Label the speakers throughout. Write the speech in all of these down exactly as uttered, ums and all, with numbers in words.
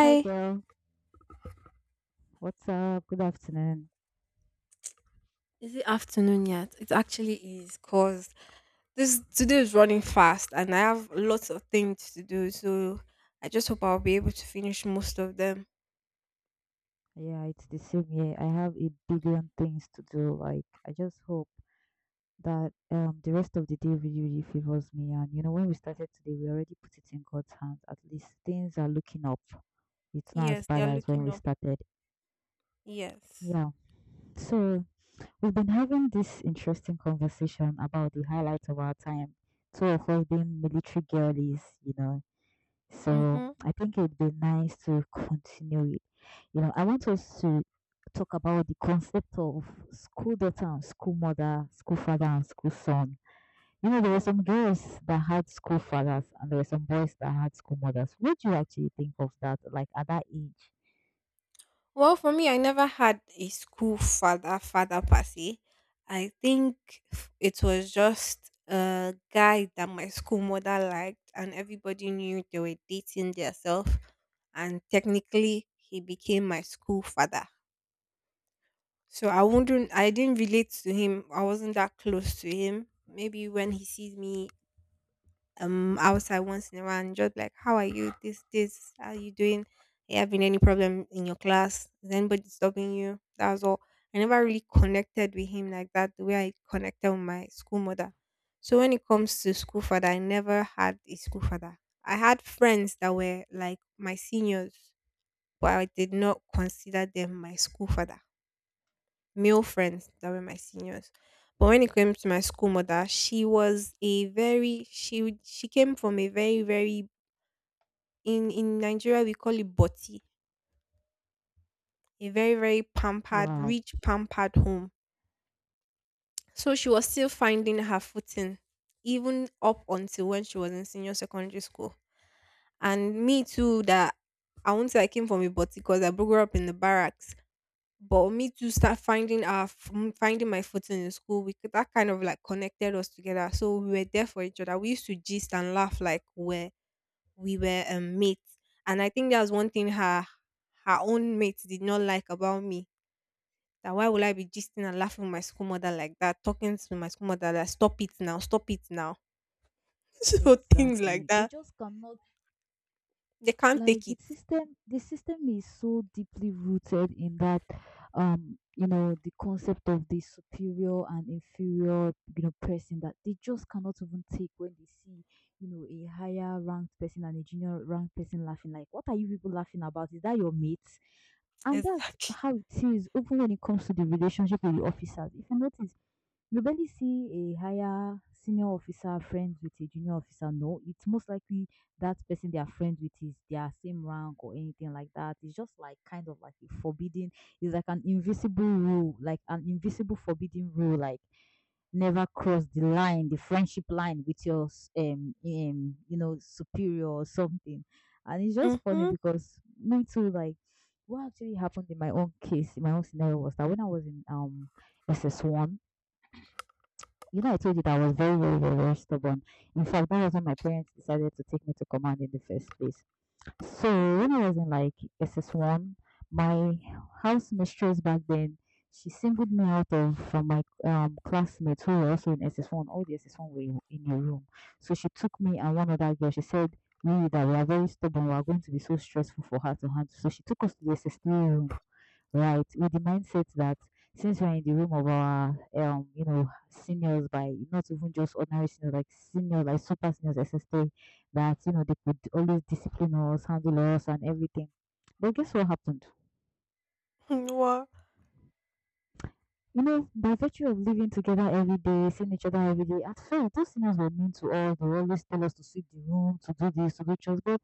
Speaker 1: Hi girl, what's up? Good afternoon.
Speaker 2: Is it afternoon yet? It actually is because this today is running fast and I have lots of things to do. So I just hope I'll be able to finish most of them.
Speaker 1: Yeah, it's the same here. I have a billion things to do. Like, I just hope that um the rest of the day really, really favors me. And you know, when we started today, we already put it in God's hands. At least things are looking up. It's not as
Speaker 2: Yes, they
Speaker 1: bad
Speaker 2: are
Speaker 1: as when
Speaker 2: looking
Speaker 1: we
Speaker 2: up.
Speaker 1: started.
Speaker 2: Yes.
Speaker 1: Yeah. So we've been having this interesting conversation about the highlights of our time. Two of us being military girlies, you know. So
Speaker 2: Mm-hmm.
Speaker 1: I think it'd be nice to continue it. You know, I want us to talk about the concept of school daughter and school mother, school father and school son. You know, there were
Speaker 2: Hmm.
Speaker 1: some girls that had school fathers and there were some boys that had school mothers. What do you actually think of that, like at that age?
Speaker 2: Well, for me, I never had a school father, father per se. I think it was just a guy that my school mother liked, and everybody knew they were dating themselves. And technically, he became my school father. So I wouldn't I didn't relate to him. I wasn't that close to him. Maybe when he sees me um outside once in a while and just like, how are you? This, this, how are you doing? Are you having any problem in your class? Is anybody stopping you? That was all. I never really connected with him like that, the way I connected with my school mother. So when it comes to school father, I never had a school father. I had friends that were like my seniors, but I did not consider them my school father, male friends that were my seniors. But when it came to my school mother, she was a very she she came from a very very in in Nigeria we call it boti, a very very pampered
Speaker 1: Wow,
Speaker 2: rich pampered home. So she was still finding her footing, even up until when she was in senior secondary school. And me too, that I won't say I came from a boti because I grew up in the barracks. But me to start finding our f- m- finding my footing in school, we could- that kind of like connected us together. So we were there for each other. We used to gist and laugh like we we were um, mates. And I think that's one thing her her own mates did not like about me. That why would I be gisting and laughing with my school mother like that, talking to my school mother like stop it now, stop it now. So things like
Speaker 1: exactly. They
Speaker 2: that.
Speaker 1: just cannot,
Speaker 2: They can't
Speaker 1: like,
Speaker 2: take
Speaker 1: the
Speaker 2: it.
Speaker 1: system the system is so deeply rooted in that, um you know, the concept of the superior and inferior, you know, person, that they just cannot even take when they see, you know, a higher ranked person and a junior ranked person laughing, like, what are you people laughing about? Is that your mate? And that's
Speaker 2: Exactly.
Speaker 1: how it is even when it comes to the relationship with the officers. If you notice, you barely see a higher senior officer friends with a junior officer. No, it's most likely that person they are friends with is their same rank or anything like that. It's just like kind of like a forbidden, it's like an invisible rule, like an invisible forbidden rule, like never cross the line, the friendship line with your s- um, um you know, superior or something. And it's just funny
Speaker 2: Mm-hmm.
Speaker 1: because me too, like, what actually happened in my own case, in my own scenario, was that when I was in um S S one, you know, I told you that I was very, very, very, very stubborn. In fact, that was when my parents decided to take me to command in the first place. So
Speaker 2: Mm-hmm.
Speaker 1: when I was in like S S one, my house mistress back then, she singled me out of from my um classmates who were also in S S one. All the S S one were in in a room. So she took me and one other girl. She said, "We that we are very stubborn. We are going to be so stressful for her to handle." So she took us to the S S three room, right, with the mindset that since we're in the room of our, um you know, seniors, by not even just ordinary seniors, like seniors, like super seniors S S T, that, you know, they could always discipline us, handle us, and everything. But guess what happened?
Speaker 2: What?
Speaker 1: You know, by virtue of living together every day, seeing each other every day, at first those seniors were mean to us. They always tell us to sweep the room, to do this, to do chores. But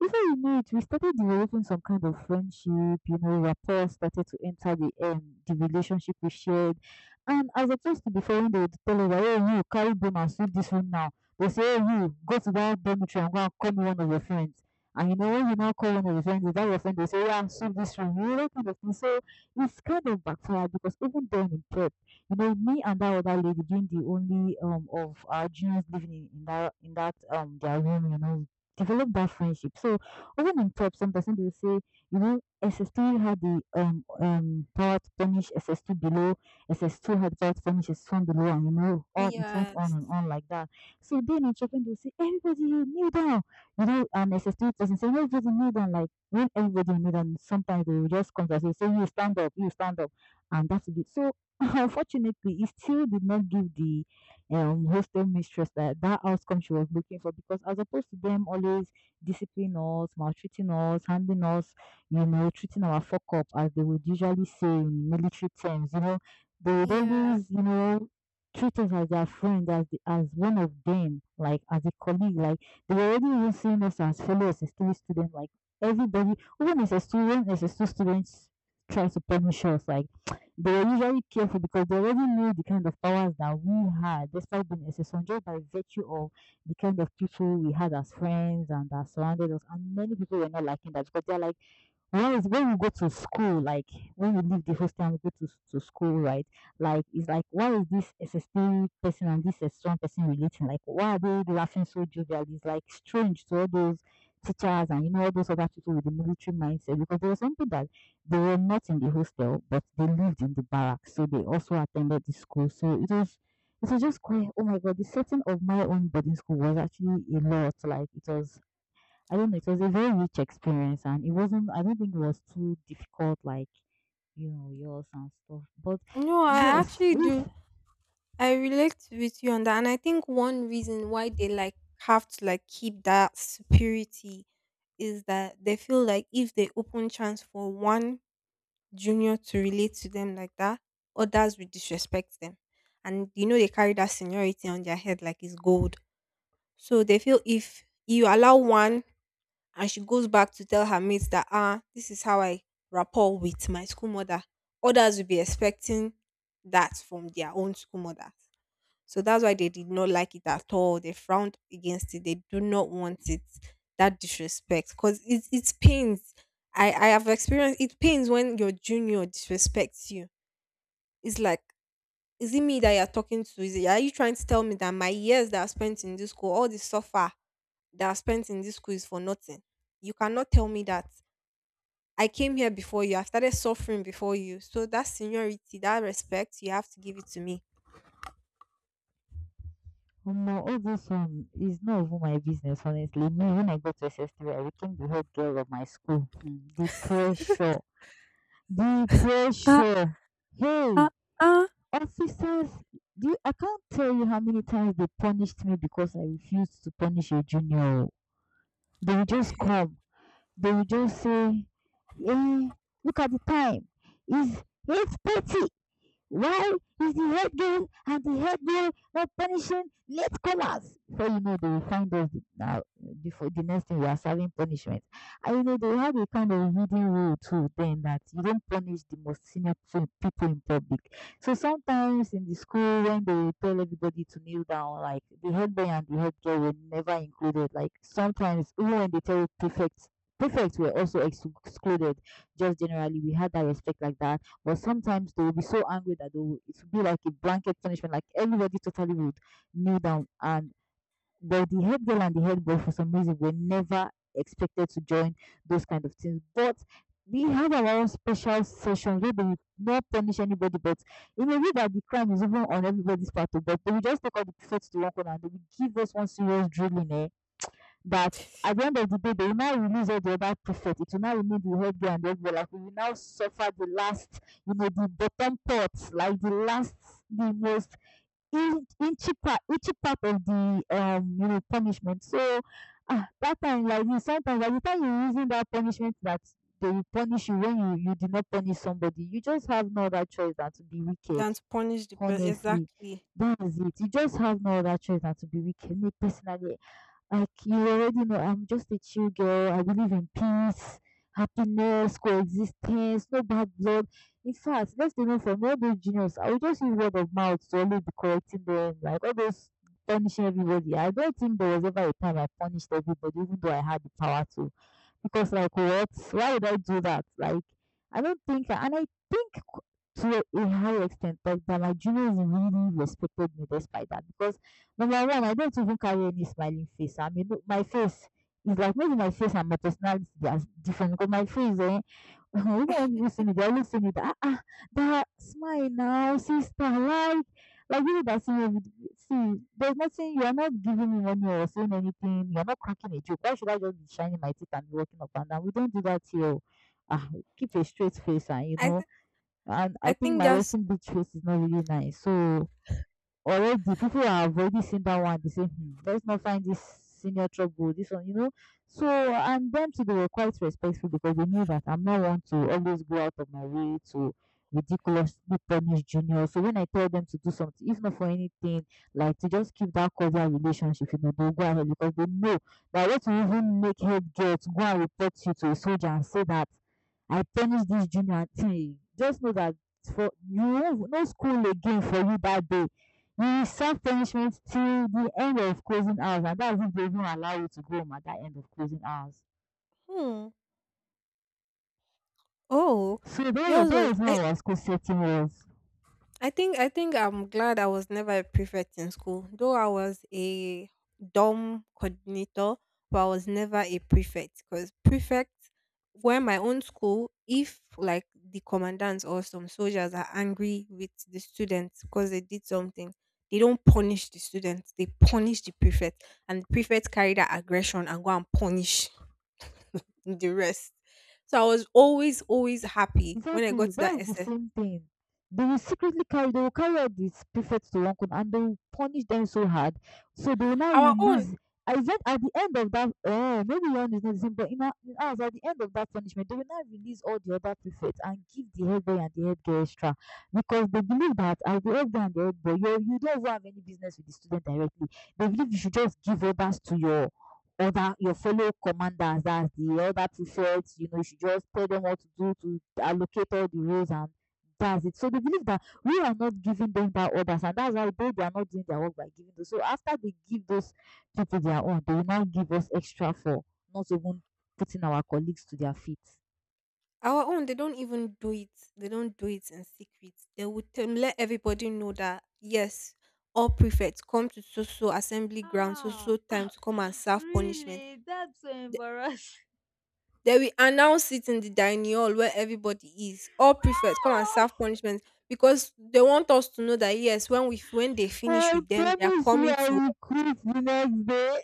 Speaker 1: before you know it, we started developing some kind of friendship. You know, rapport started to enter the um, the relationship we shared. And as opposed to before, when they would tell us, "Oh, you carry broom and sweep this room now," they say, "Oh, you go to that dormitory and go and call me one of your friends." And you know, when you now call one of your friends, is that your friend? They say, "Yeah, sweep this room." You know, that kind of thing. So it's kind of backfired because even then in prep, you know, me and that other lady being the only um of our juniors living in, in that in that um their room, you know, develop that friendship. So even in prep, some person will say, you know, S S three had the um um power to punish S S two below, S S two had the power to punish S S one below, and you know, on it went on
Speaker 2: Yes.
Speaker 1: and on like that. So then in children will say, "Everybody kneel down," you know, and S S three person say, "Everybody kneel down," like when everybody knew that sometimes they will just come to us and say, "You stand up, you stand up," and that's it. So, unfortunately, it still did not give the, um, hostel mistress that, that outcome she was looking for because, as opposed to them always disciplining us, maltreating us, handing us, you know, treating our fuck up, as they would usually say in military terms, you know, they would
Speaker 2: Yeah.
Speaker 1: always, you know, treat us as their friend, as the, as one of them, like as a colleague, like they were already even seeing us as fellow S S three students, like everybody, even as a student, as a two students try to punish us, like they were usually careful because they already knew the kind of powers that we had, despite being S S one, just by virtue of the kind of people we had as friends and that surrounded us. And many people were not liking that because they're like, once when we go to school, like when we leave the hostel and we go to, s- to school, right? Like, it's like, why is this S S T person and this S strong person relating? Like, why are they laughing so jovial? It's like strange to all those teachers and, you know, all those other people with the military mindset, because there were some people that they were not in the hostel but they lived in the barracks, so they also attended the school. So it was, it was just quite, oh my god, the setting of my own boarding school was actually a lot. Like, it was, I don't know, it was a very rich experience, and it wasn't, I don't think it was too difficult like, you know, yours and stuff. But
Speaker 2: No, I
Speaker 1: yes,
Speaker 2: actually do.
Speaker 1: with
Speaker 2: I relate with you on that, and I think one reason why they like have to like keep that superiority is that they feel like if they open chance for one junior to relate to them like that, others will disrespect them, and you know they carry that seniority on their head like it's gold. So they feel if you allow one and she goes back to tell her mates that ah, this is how I rapport with my school mother, others will be expecting that from their own school mother. So that's why they did not like it at all. They frowned against it. They do not want it. That disrespect, because it it pains. I I have experienced it, pains when your junior disrespects you. It's like, is it me that you're talking to? Is it, are you trying to tell me that my years that I spent in this school, all the suffer that I spent in this school is for nothing? You cannot tell me that. I came here before you. I started suffering before you. So that seniority, that respect, you have to give it to me.
Speaker 1: Omo, all this one is not even my business, honestly. Me, when I got to S S three, I became the head girl of my school. Hmm, the pressure. The pressure. Hey, officers, do you, I can't tell you how many times they punished me because I refused to punish a junior. They would just come, they will just say, "Hey, look at the time. It's eight thirty. Why is the head girl and the head girl not punishing late comers?" So you know, they will find us now. Before the next thing, we are serving punishment. And you know, they have a kind of hidden rule too, then, that you don't punish the most senior people in public. So sometimes in the school, when they tell everybody to kneel down, like the head boy and the head girl were never included. Like sometimes, even when they tell prefects, prefects were also excluded. Just generally, we had that respect like that, but sometimes they will be so angry that they will, it will be like a blanket punishment, like everybody totally would kneel down. And but the head girl and the head boy, for some reason, were never expected to join those kind of things. But we had our own special session where they will not punish anybody, but in a way that the crime is even on everybody's part, oh, but they will just take all the prefects to one corner and they will give us one serious drilling. Eh? That at the end of the day, they will now release all the other prefect. It will now remain the head girl and the head boy. Like, we will now suffer the last, you know, the bottom part, like the last, the most in- inchy part, inchy part of the, um, you know, punishment. So, ah, that time, like you, sometimes by the time you are using that punishment, that they will punish you when you you did not punish somebody, you just have no other choice than to be wicked.
Speaker 2: Than to punish the person
Speaker 1: Honestly,
Speaker 2: exactly.
Speaker 1: that is it. You just have no other choice than to be wicked. Me personally, like you already know, I'm just a chill girl. I believe in peace, happiness, coexistence, no bad blood. In fact, let's say, no, from all those juniors, I will just use word of mouth to only be correcting them, like all those punishing everybody. I don't think there was ever a time I punished everybody, even though I had the power to. Because, like, what? Why would I do that? Like, I don't think, and I think to a high extent like that my juniors really respected me despite that, because number one, I don't even carry any smiling face. I mean, my face is like, maybe my face and my personality they are different, because my face, eh, oh, Home and Yosemite, Yosemite. Ah, ah, that smile now, sister. Like, like you know that, see, see, there's nothing. You are not giving me money or saying anything. You are not cracking a joke. Why should I just be shining my teeth and walking up and down? We don't do that here. Oh, ah, keep a straight face, and you
Speaker 2: I
Speaker 1: know.
Speaker 2: th-
Speaker 1: And
Speaker 2: I
Speaker 1: I think
Speaker 2: think
Speaker 1: my
Speaker 2: that's
Speaker 1: Western beach face is not really nice. So already people have already seen that one, they say, hmm, let's not find this senior trouble, this one, you know. So and them too, they were quite respectful because they knew that I'm not one to always go out of my way to ridiculously punish junior. So when I tell them to do something, if not for anything, like to just keep that cordial relationship, you know, they'll go ahead because they know that what will even make head girl to go and report you to a soldier and say that I punish this junior thing, just know that for you won't- no school again for you that day. We serve punishment till the end of closing hours, and that's if they even allow you to go home at that end of closing hours.
Speaker 2: hmm. Oh,
Speaker 1: So that was,
Speaker 2: yours
Speaker 1: that
Speaker 2: was,
Speaker 1: was how our school setting was.
Speaker 2: I think I think I'm glad I was never a prefect in school. Though I was a dorm coordinator, but I was never a prefect because prefects were my own school. If like the commandants or some soldiers are angry with the students because they did something, they don't punish the students. They punish the prefect, and the prefect carry that aggression and go and punish the rest. So I was always always happy when I got
Speaker 1: Exactly,
Speaker 2: to that
Speaker 1: that's the
Speaker 2: S S.
Speaker 1: same thing. They will secretly carry, they will carry out these prefects to Wankun and they will punish them so hard. So they will now
Speaker 2: Our own
Speaker 1: release. I said at the end of that, oh, maybe one is not the same, but in, our, in ours, at the end of that punishment, they will now release all the other prefects and give the head boy and the head girl extra, because they believe that as the head boy and the head boy, you, you don't even have any business with the student directly. They believe you should just give orders to your other your fellow commanders, that's the other prefects, you know. You should just tell them what to do, to allocate all the roles, and that's it. So they believe that we are not giving them that orders, and that's why they, they are not doing their work by giving those. So after they give those people their own, they will now give us extra for not even putting our colleagues to their feet.
Speaker 2: Our own, they don't even do it. They don't do it in secret. They would tell, let everybody know that yes, all prefects come to so so assembly ground, so
Speaker 1: Ah,
Speaker 2: so time to come and serve punishment.
Speaker 1: really? That's so
Speaker 2: Th-
Speaker 1: embarrassing.
Speaker 2: They will announce it in the dining hall where everybody is. All prefects come and serve punishment because they want us to know that yes, when we f- when they finish
Speaker 1: I
Speaker 2: with them, they are
Speaker 1: promise you,
Speaker 2: coming
Speaker 1: I
Speaker 2: to,
Speaker 1: will quit the next day.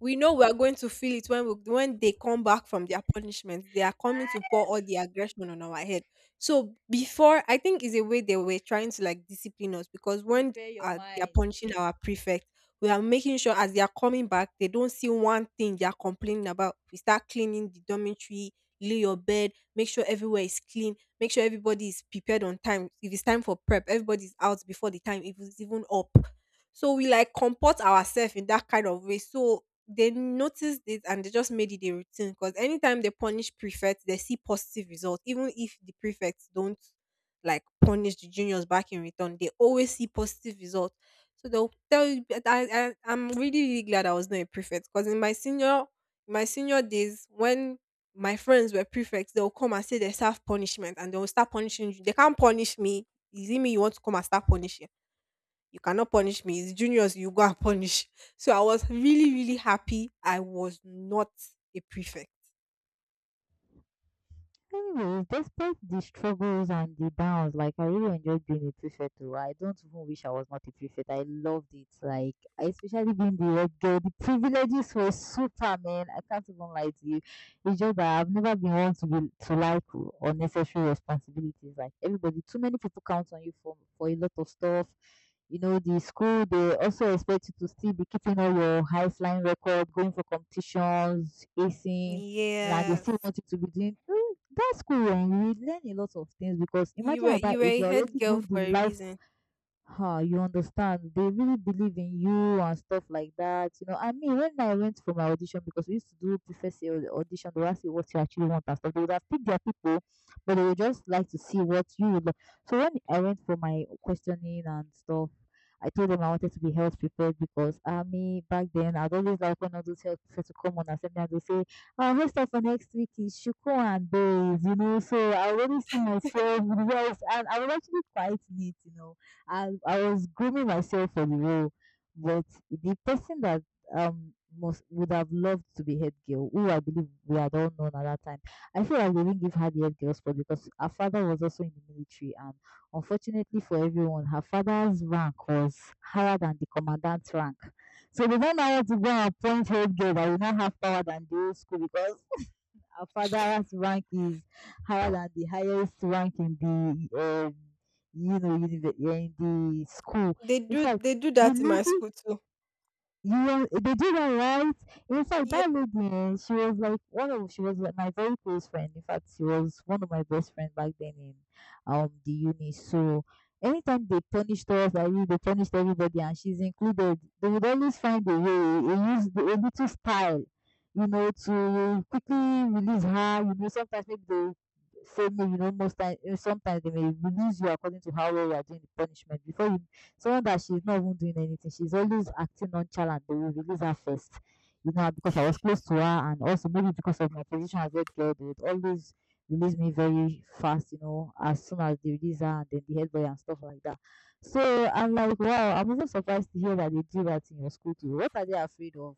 Speaker 2: we know we are going to feel it when we, when they come back from their punishment. They are coming to pour all the aggression on our head. So before, I think is a way they were trying to like discipline us because when
Speaker 1: Prepare your
Speaker 2: uh, they are
Speaker 1: mind.
Speaker 2: punishing our prefect, we are making sure as they are coming back, they don't see one thing they are complaining about. We start cleaning the dormitory, lay your bed, make sure everywhere is clean, make sure everybody is prepared on time. If it's time for prep, everybody's out before the time. If it's even up, so we like comport ourselves in that kind of way. So they noticed it and they just made it a routine because anytime they punish prefects, they see positive results. Even if the prefects don't like punish the juniors back in return, they always see positive results. So they'll tell you. But I, I I'm really really glad I was not a prefect because in my senior my senior days when my friends were prefects, they'll come and say they self punishment and they'll start punishing you. They can't punish me. Is it me you want to come and start punishing? You cannot punish me. It's juniors you go and punish. So I was really, really happy I was not a prefect.
Speaker 1: Anyways, despite the struggles and the downs, like I really enjoyed being a prefect. Though, I don't even wish I was not a prefect. I loved it. Like I- especially being the red girl, the privileges were super, man. I can't even lie to you. It's just that I've never been one to be to like unnecessary responsibilities. Like everybody, too many people count on you for for a lot of stuff. You know, the school, they also expect you to still be keeping all your high flying record, going for competitions, acing, and they still
Speaker 2: Yes.
Speaker 1: want you to be doing. That's cool. Um, we learn a lot of things because
Speaker 2: You
Speaker 1: imagine
Speaker 2: were
Speaker 1: at that
Speaker 2: you were
Speaker 1: age
Speaker 2: a
Speaker 1: you're
Speaker 2: head
Speaker 1: already
Speaker 2: girl
Speaker 1: doing the
Speaker 2: for a
Speaker 1: life.
Speaker 2: reason.
Speaker 1: Huh, you understand, they really believe in you and stuff like that. You know, I mean, when I went for my audition, because we used to do preface au- audition, they would ask you what you actually want and stuff. They would have picked their people, but they would just like to see what you would like. So when I went for my questioning and stuff, I told them I wanted to be health prepared, because I mean back then I'd always like one of those health prepared to come on and send me, and they say, our host of for next week is Shuko and Bays, you know, so I already see myself. Well, and I was actually quite neat, you know, and I was grooming myself for the role, but the person that um must would have loved to be head girl, who I believe we had all known at that time. I feel like they didn't give her the head girl spot because her father was also in the military, and unfortunately for everyone, her father's rank was higher than the commandant's rank. So they don't know how to go and appoint head girl that will not have power than the old school, because our father's rank is higher than the highest rank in the um, you know, univer- yeah, in the school.
Speaker 2: They
Speaker 1: In
Speaker 2: do
Speaker 1: fact,
Speaker 2: they do
Speaker 1: the
Speaker 2: that in my
Speaker 1: lady,
Speaker 2: school too.
Speaker 1: you were, they did alright. In fact,
Speaker 2: Yeah.
Speaker 1: that lady, eh, she was like one of she was like my very close friend. In fact, she was one of my best friends back then in um the uni. So anytime they punished us, I mean they punished everybody, and she's included. They would always find a way, a use a little style, you know, to quickly release her. You know, sometimes maybe they say, maybe you know, most times, sometimes they may release you according to how well you are doing the punishment before you. Someone that she's not even doing anything, she's always acting nonchalant, they will release her first. You know, because I was close to her, and also maybe because of my position as head girl, they would always release me very fast, you know, as soon as they release her, and then the head boy and stuff like that. So I'm like, wow, I'm even surprised to hear that they do that in your school too. What are they afraid of?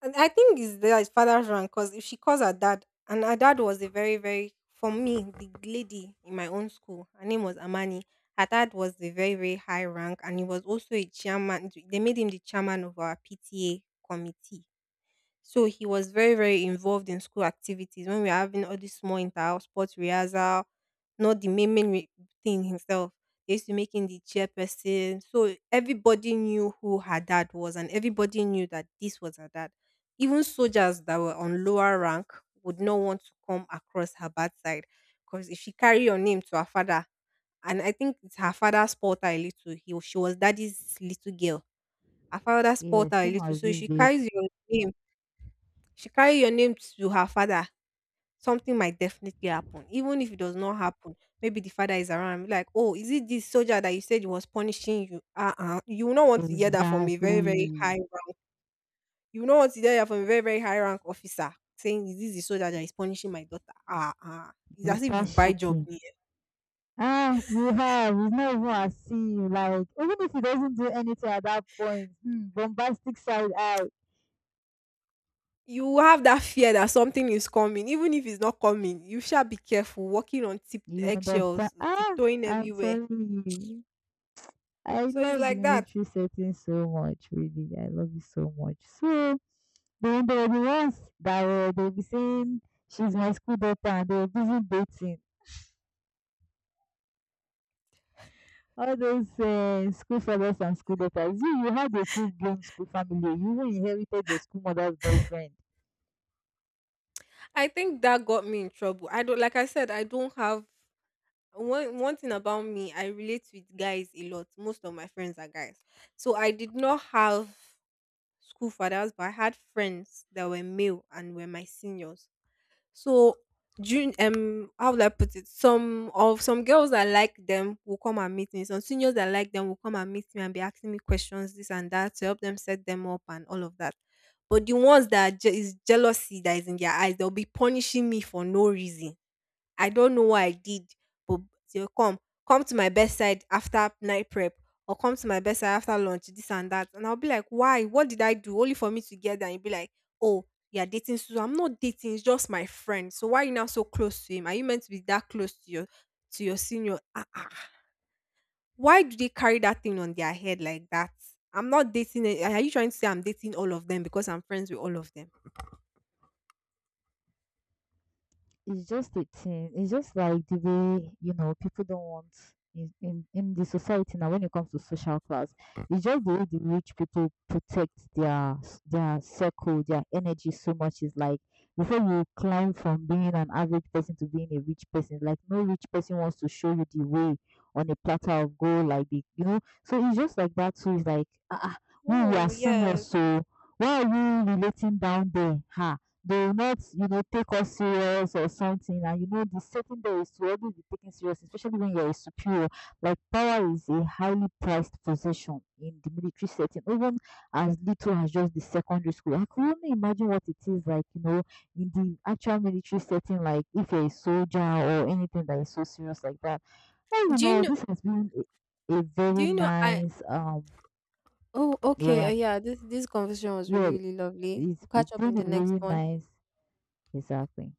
Speaker 2: And I think it's there is father's rank because if she calls her dad, and her dad was a very, very, for me, the lady in my own school, her name was Amani. Her dad was a very, very high rank, and he was also a chairman. They made him the chairman of our P T A committee. So he was very, very involved in school activities when we were having all these small inter-house sports rehearsal, not the main main re- thing himself. They used to make him the chairperson. So everybody knew who her dad was and everybody knew that this was her dad. Even soldiers that were on lower rank would not want to come across her bad side because if she carry your name to her father, and I think it's her father spoiled her a little. He, she was daddy's little girl. Her father
Speaker 1: Yeah,
Speaker 2: spoiled her a
Speaker 1: same
Speaker 2: little.
Speaker 1: as
Speaker 2: So if
Speaker 1: this
Speaker 2: she
Speaker 1: babe.
Speaker 2: carries your name she carry your name to her father, something might definitely happen. Even if it does not happen, maybe the father is around and be like, oh, is it this soldier that you said was punishing you? Uh uh. You will not want to hear that from a very,
Speaker 1: Exactly.
Speaker 2: very high rank. You will not want to hear that from a very, very high rank officer saying, is this the soldier that is punishing my daughter? Ah ah. It's
Speaker 1: We
Speaker 2: as if you
Speaker 1: start
Speaker 2: buy job
Speaker 1: shaking.
Speaker 2: here.
Speaker 1: Ah, you have. It's not even at sea. Like, even if he doesn't do anything at that point, hmm, bombastic side out.
Speaker 2: You have that fear that something is coming, even if it's not coming. You shall be careful, walking on tip
Speaker 1: You understand?
Speaker 2: eggshells,
Speaker 1: Ah,
Speaker 2: tiptoeing
Speaker 1: I'm
Speaker 2: everywhere.
Speaker 1: telling you. I
Speaker 2: So it's
Speaker 1: love the
Speaker 2: like that.
Speaker 1: military setting so much, really. I love it so much. So then there will be ones that will, they'll be saying, she's my school daughter, and they'll be busy dating. All those uh, school fathers and school daughters. You, you had a full-blown school family. You even inherited your school mother's boyfriend.
Speaker 2: I think that got me in trouble. I don't, like I said, I don't have one one thing about me, I relate with guys a lot. Most of my friends are guys. So I did not have school fathers, but I had friends that were male and were my seniors. So June um how would I put it? Some of some girls that like them will come and meet me. Some seniors that like them will come and meet me and be asking me questions, this and that, to help them set them up and all of that. But the ones that je- is jealousy that is in their eyes, they'll be punishing me for no reason. I don't know what I did, but they'll come. Come to my bedside after night prep or come to my bedside after lunch, this and that. And I'll be like, why? What did I do? Only for me to get there and be like, oh, you're dating Susan. I'm not dating, it's just my friend. So why are you now so close to him? Are you meant to be that close to your to your senior? Ah, ah. ah. Why do they carry that thing on their head like that? I'm not dating. a- Are you trying to say I'm dating all of them because I'm friends with all of them?
Speaker 1: It's just a thing. It's just like the way, you know, people don't want in in, in the society now. When it comes to social class, it's just the way the rich people protect their s- their circle, their energy so much. Is like before you climb from being an average person to being a rich person, like no rich person wants to show you the way on a platter of gold, like the, you know. So it's just like that too. It's like, ah, ah, we we
Speaker 2: Oh
Speaker 1: are seniors,
Speaker 2: yes.
Speaker 1: so why are you relating down there? Ha, they will not, you know, take us serious or something. And you know, the setting there is to always be taken serious, especially when you're a superior. Like power is a highly priced possession in the military setting, even as little as just the secondary school. I can only imagine what it is like, you know, in the actual military setting, like if you're a soldier or anything that is so serious like that. Well, you
Speaker 2: Do you
Speaker 1: know,
Speaker 2: know?
Speaker 1: this has been a, a
Speaker 2: Do
Speaker 1: very
Speaker 2: you know? I
Speaker 1: nice um
Speaker 2: Oh, okay. Uh,
Speaker 1: yeah,
Speaker 2: yeah, this this conversation was really,
Speaker 1: yeah,
Speaker 2: really lovely.
Speaker 1: it's
Speaker 2: We'll catch
Speaker 1: it's
Speaker 2: up in
Speaker 1: been a
Speaker 2: the next
Speaker 1: really
Speaker 2: one.
Speaker 1: nice, exactly